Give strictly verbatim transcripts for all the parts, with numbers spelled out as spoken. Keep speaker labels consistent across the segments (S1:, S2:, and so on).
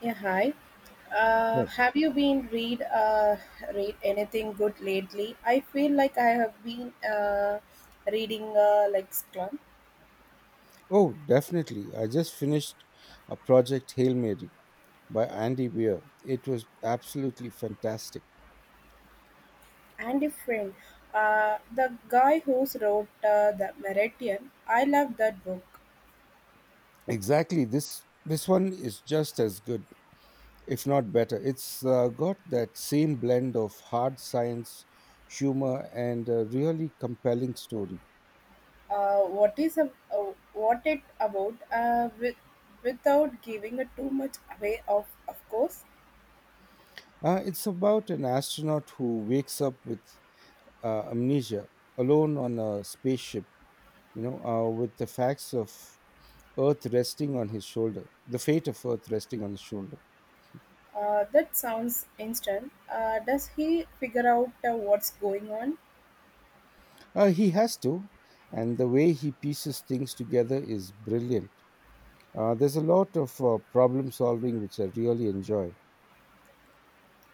S1: Yeah, hi. Uh,
S2: Right.
S1: have you been read uh, read anything good lately? I feel like I have been uh, reading uh, like Scrum
S2: Oh, definitely. I just finished a project Hail Mary by Andy Weir. It was absolutely fantastic.
S1: and a friend. Uh, the guy who wrote uh, the Meridian. I love that book.
S2: Exactly. This this one is just as good, if not better. It's uh, got that same blend of hard science, humor, and a really compelling story.
S1: Uh, what is a, uh, what it about? Uh, with, without giving it too much away. Of of course.
S2: Uh, it's about an astronaut who wakes up with uh, amnesia, alone on a spaceship. You know, uh, with the facts of Earth resting on his shoulder, the fate of Earth resting on his shoulder.
S1: Uh, that sounds instant. Uh, does he figure out uh, what's going on?
S2: Uh, he has to, and the way he pieces things together is brilliant. Uh, there's a lot of uh, problem solving which I really enjoy.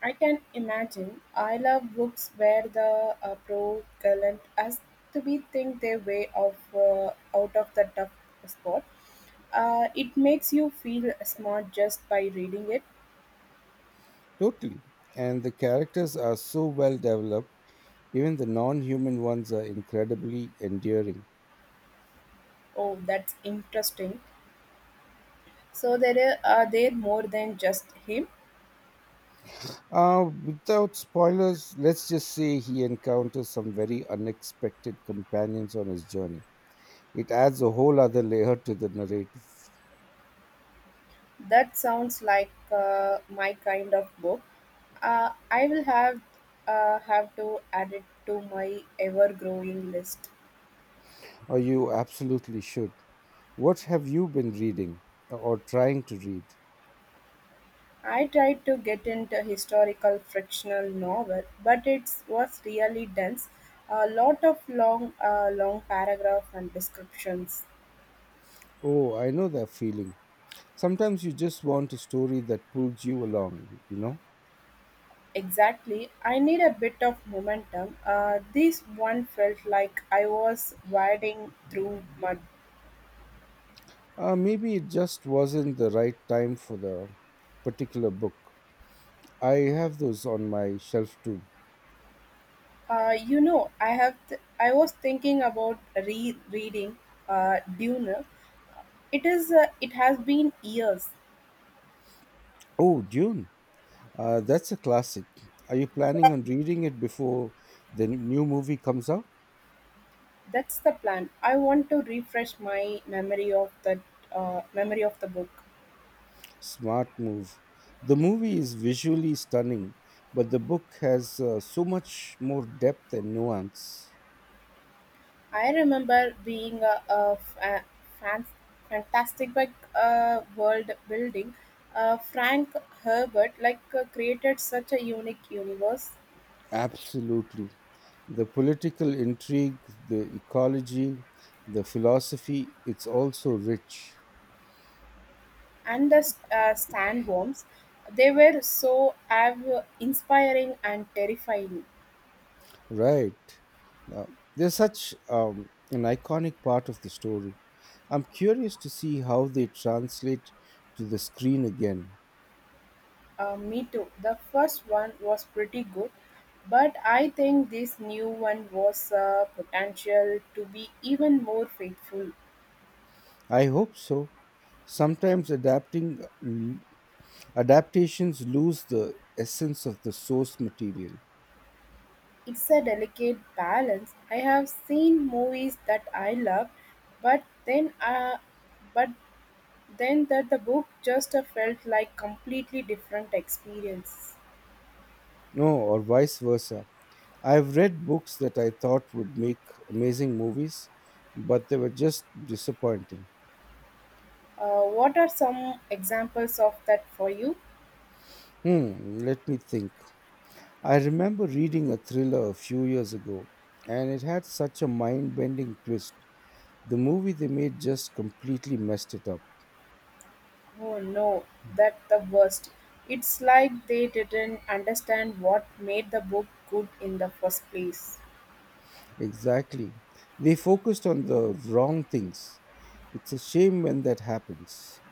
S1: I can imagine. I love books where the uh, prologue has to be think their way of uh, out of the tough spot. Uh, it makes you feel smart just by reading it.
S2: Totally. And the characters are so well developed, even the non human ones are incredibly endearing.
S1: Oh, that's interesting. So there are, are there more than just him?
S2: Uh, without spoilers, let's just say he encounters some very unexpected companions on his journey. It adds a whole other layer to the narrative.
S1: That sounds like uh, my kind of book. Uh, I will have uh, have to add it to my ever growing list.
S2: Oh, you absolutely should. What have you been reading uh, or trying to read?
S1: I tried to get into historical fictional novel, but it was really dense. A lot of long, uh, long paragraph and descriptions.
S2: Oh, I know that feeling. Sometimes you just want a story that pulls you along, you know?
S1: Exactly. I need a bit of momentum. Uh, this one felt like I was wading through mud.
S2: Uh, maybe it just wasn't the right time for the particular book. I have those on my shelf too.
S1: Uh, you know, I have. Th- I was thinking about rereading uh, Dune. It is. Uh, it has been years.
S2: Oh, Dune. Uh, that's a classic. Are you planning on reading it before the n- new movie comes out?
S1: That's the plan. I want to refresh my memory of the uh, memory of the book.
S2: Smart move. The movie is visually stunning, but the book has uh, so much more depth and nuance.
S1: I remember being a, a, fa- fan, fantastic like uh, world building. Uh, Frank Herbert like uh, created such a unique universe,
S2: Absolutely. The political intrigue, the ecology, the philosophy, it's also rich.
S1: and the uh, Stan Worms, they were so av- inspiring and terrifying.
S2: Right. Uh, they're such um, an iconic part of the story. I'm curious to see how they translate to the screen again.
S1: Uh, me too. The first one was pretty good, but I think this new one was a potential to be even more faithful.
S2: I hope so. Sometimes adapting uh, l- adaptations lose the essence of the source material.
S1: It's a delicate balance. I have seen movies that I love, but then uh, but then that the book just uh, felt like completely different experience.
S2: No, or vice versa. I've read books that I thought would make amazing movies, but they were just disappointing.
S1: Uh, what are some examples of that for you?
S2: Hmm, let me think. I remember reading a thriller a few years ago, and it had such a mind bending twist. The movie they made just completely messed it up.
S1: Oh no, that's the worst. It's like they didn't understand what made the book good in the first place.
S2: Exactly. They focused on the wrong things. It's a shame when that happens.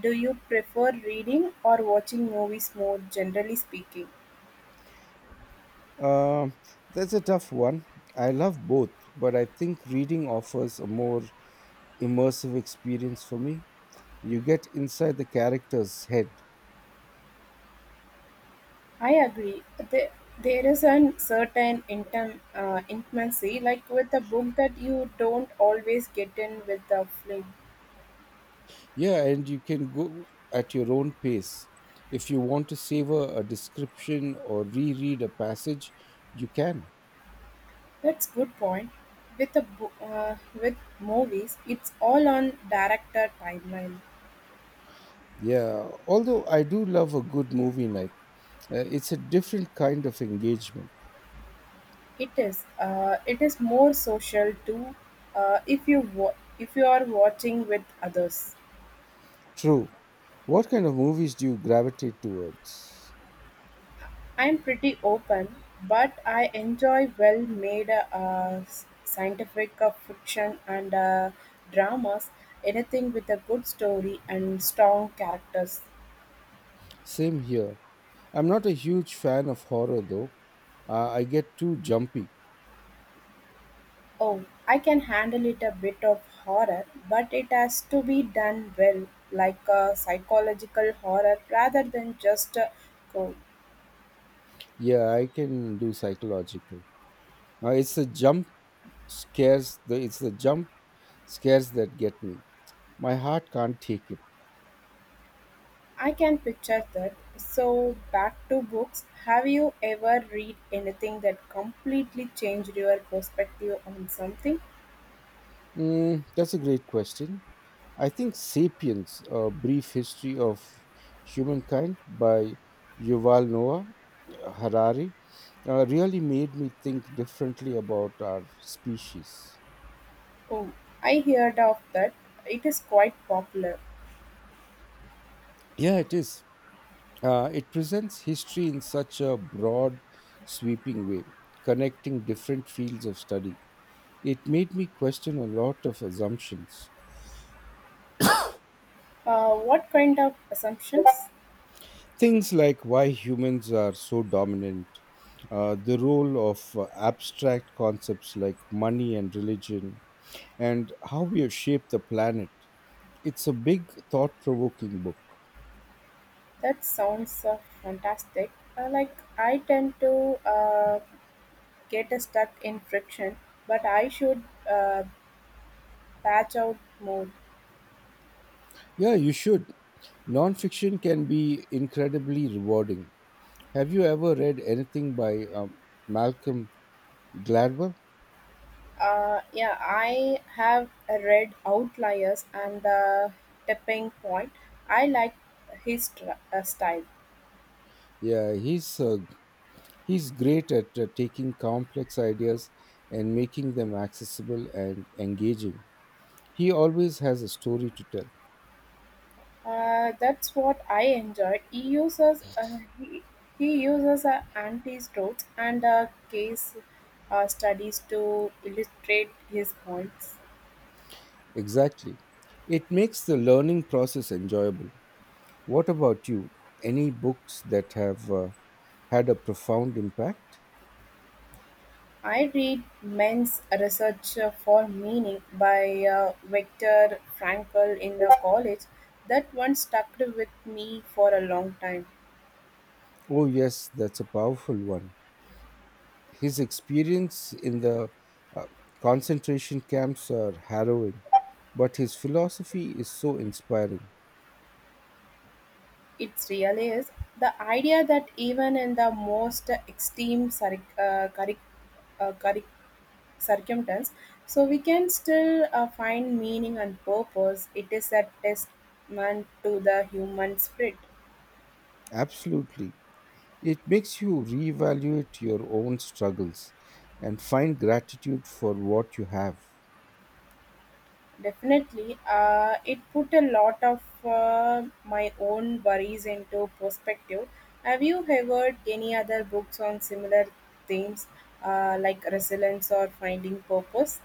S1: Do you prefer reading or watching movies more generally speaking?
S2: Um, that's a tough one. I love both, but I think reading offers a more immersive experience for me. You get inside the character's head.
S1: I agree. There, there is a certain intim, uh, intimacy, like with a book, that you don't always get in with the film.
S2: Yeah, and you can go at your own pace. If you want to savor a description or reread a passage, you can.
S1: That's good point. With a bo- uh, with movies, it's all on director timeline.
S2: Yeah, although I do love a good movie night. Uh, it's a different kind of engagement.
S1: It is. Uh, it is more social too. Uh, if you wa- if you are watching with others,
S2: True. What kind of movies do you gravitate towards?
S1: I'm pretty open, but I enjoy well-made uh, s- scientific uh, fiction and uh, dramas. Anything with a good story and strong characters.
S2: Same here. I'm not a huge fan of horror though. Uh, I get too jumpy.
S1: Oh, I can handle it a bit of horror, but it has to be done well, like a psychological horror rather than just a gore.
S2: Yeah, I can do psychological. Uh, it's the jump scares. The, it's the jump scares that get me. My heart can't take it.
S1: I can picture that. So, back to books. Have you ever read anything that completely changed your perspective on something?
S2: Mm, that's a great question. I think *Sapiens: A Brief History of Humankind* by Yuval Noah Harari uh, really made me think differently about our species.
S1: Oh, I heard of that. It is quite popular.
S2: Yeah, it is. Uh, it presents history in such a broad, sweeping way, connecting different fields of study. It made me question a lot of assumptions.
S1: Uh, what kind of assumptions?
S2: Things like why humans are so dominant, uh, the role of uh, abstract concepts like money and religion, and how we have shaped the planet. It's a big, thought provoking book.
S1: That sounds uh, fantastic. Uh, like, I tend to uh, get stuck in friction, but I should uh, batch out more.
S2: Yeah, you should. Nonfiction can be incredibly rewarding. Have you ever read anything by um, Malcolm Gladwell?
S1: Uh, yeah, I have read Outliers and The Tipping Point. I like his tr- uh, style.
S2: Yeah, he's uh, he's great at uh, taking complex ideas and making them accessible and engaging. He always has a story to tell.
S1: Uh, that's what I enjoyed. He uses uh, he, he uses uh, anti-strokes and uh, case uh, studies to illustrate his points.
S2: Exactly. It makes the learning process enjoyable. What about you? Any books that have uh, had a profound impact?
S1: I read Men's Research for Meaning by uh, Viktor Frankl in the college. That one stuck with me for a long time.
S2: Oh yes, that's a powerful one. His experience in the uh, concentration camps are harrowing, but his philosophy is so inspiring.
S1: It really is. The idea that even in the most extreme cir- uh, curic- uh, curic- circumstance, so we can still uh, find meaning and purpose, it is a testament to the human spirit.
S2: Absolutely. It makes you reevaluate your own struggles and find gratitude for what you have.
S1: Definitely, uh, it put a lot of uh, my own worries into perspective. Have you ever any other books on similar themes uh, like resilience or finding purpose?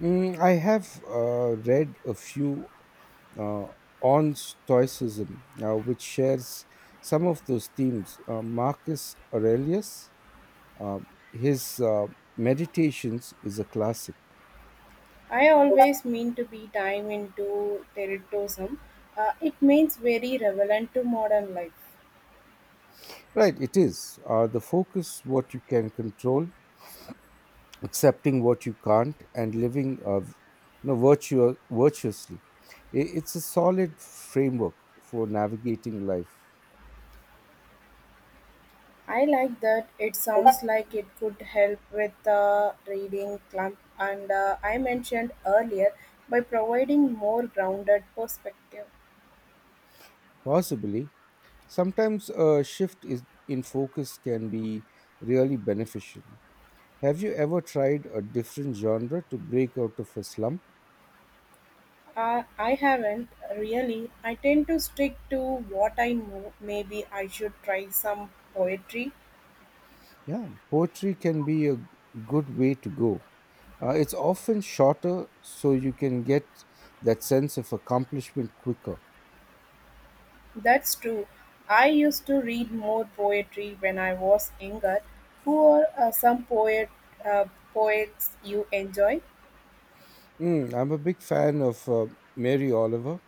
S2: Mm, I have uh, read a few uh, on Stoicism, uh, which shares some of those themes. Uh, Marcus Aurelius, uh, his uh, Meditations is a classic.
S1: I always mean to be time into territorism. Uh, it means very relevant to modern life.
S2: Right, it is. Uh, the focus, what you can control, accepting what you can't, and living uh, you know, virtual, virtuously. I- It's a solid framework for navigating life.
S1: I like that. It sounds like it could help with the reading clump, and uh, I mentioned earlier by providing more grounded perspective.
S2: Possibly, sometimes a shift is, in focus can be really beneficial. Have you ever tried a different genre to break out of a slump?
S1: Uh, I haven't really. I tend to stick to what I know. Maybe I should try some poetry.
S2: Yeah, poetry can be a good way to go. Uh, it's often shorter, so you can get that sense of accomplishment quicker.
S1: That's true. I used to read more poetry when I was younger. Who are uh, some poet uh, poets you enjoy?
S2: Mm, I'm a big fan of uh, Mary Oliver.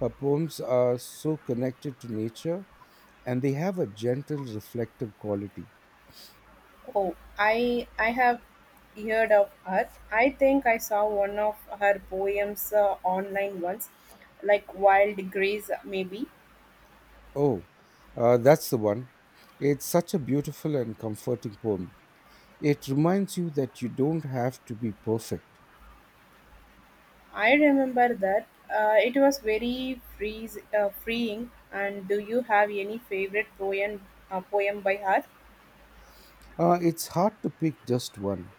S2: Her poems are so connected to nature and they have a gentle, reflective quality.
S1: Oh, I I have heard of her. I think I saw one of her poems uh, online once, like Wild Grace, maybe.
S2: Oh, uh, that's the one. It's such a beautiful and comforting poem. It reminds you that you don't have to be perfect.
S1: I remember that. Uh, it was very freeze, uh, freeing. And do you have any favorite poem uh, poem by her?
S2: Uh, it's hard to pick just one,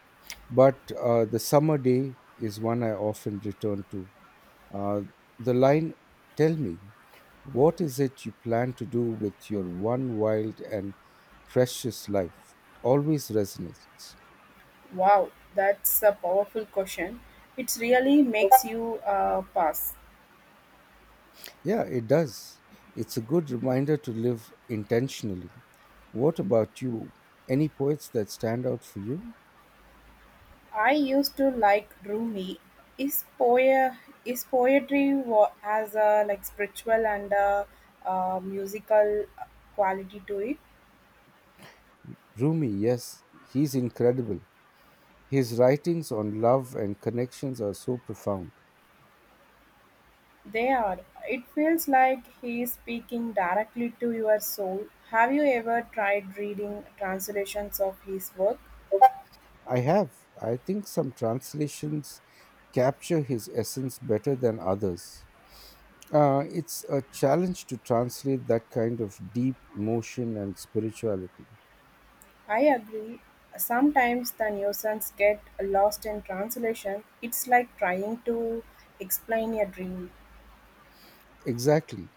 S2: but uh, the summer day is one I often return to. Uh, the line, Tell me, what is it you plan to do with your one wild and precious life? Always resonates.
S1: Wow, that's a powerful question. It really makes you uh, pass.
S2: Yeah, it does. It's a good reminder to live intentionally. What about you? Any poets that stand out for you?
S1: I used to like Rumi. His, poe- his poetry wa- has a like spiritual and a, uh, musical quality to it.
S2: Rumi, yes, he's incredible. His writings on love and connections are so profound.
S1: They are. It feels like he is speaking directly to your soul. Have you ever tried reading translations of his work?
S2: I have. I think some translations capture his essence better than others. Uh, it's a challenge to translate that kind of deep emotion and spirituality.
S1: I agree. Sometimes the nuisance get lost in translation. It's like trying to explain a dream.
S2: Exactly.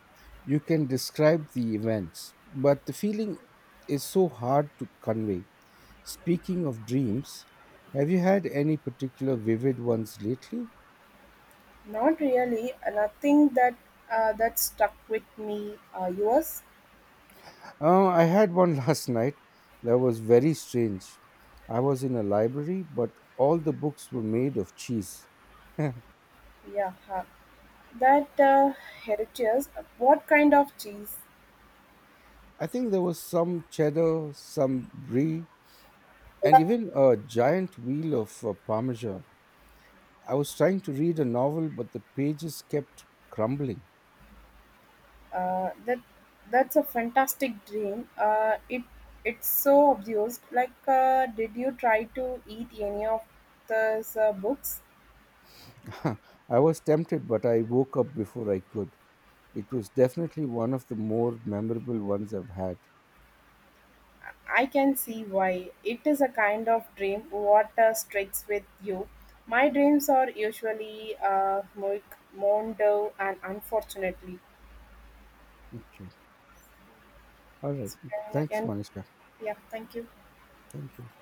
S2: You can describe the events, but the feeling is so hard to convey. Speaking of dreams, have you had any particular vivid ones lately?
S1: Not really. Nothing that uh, that stuck with me. Uh, yours?
S2: Uh, I had one last night that was very strange. I was in a library, but all the books were made of cheese. I
S1: Yeah, huh. That uh, heritage. What kind of cheese?
S2: think there was some cheddar, some brie, and even a giant wheel of uh, parmesan. I was trying to read a novel, but the pages kept crumbling.
S1: Uh, that that's a fantastic dream. Uh, it it's so obvious. Like, uh, did you try to eat any of those uh, books?
S2: I was tempted, but I woke up before I could. It was definitely one of the more memorable ones I've had.
S1: I can see why. It is a kind of dream what uh, sticks with you. My dreams are usually uh, mo- mondo and unfortunately.
S2: Okay. All right.
S1: Uh,
S2: Thanks,
S1: and
S2: Manisha.
S1: yeah, thank you.
S2: Thank you.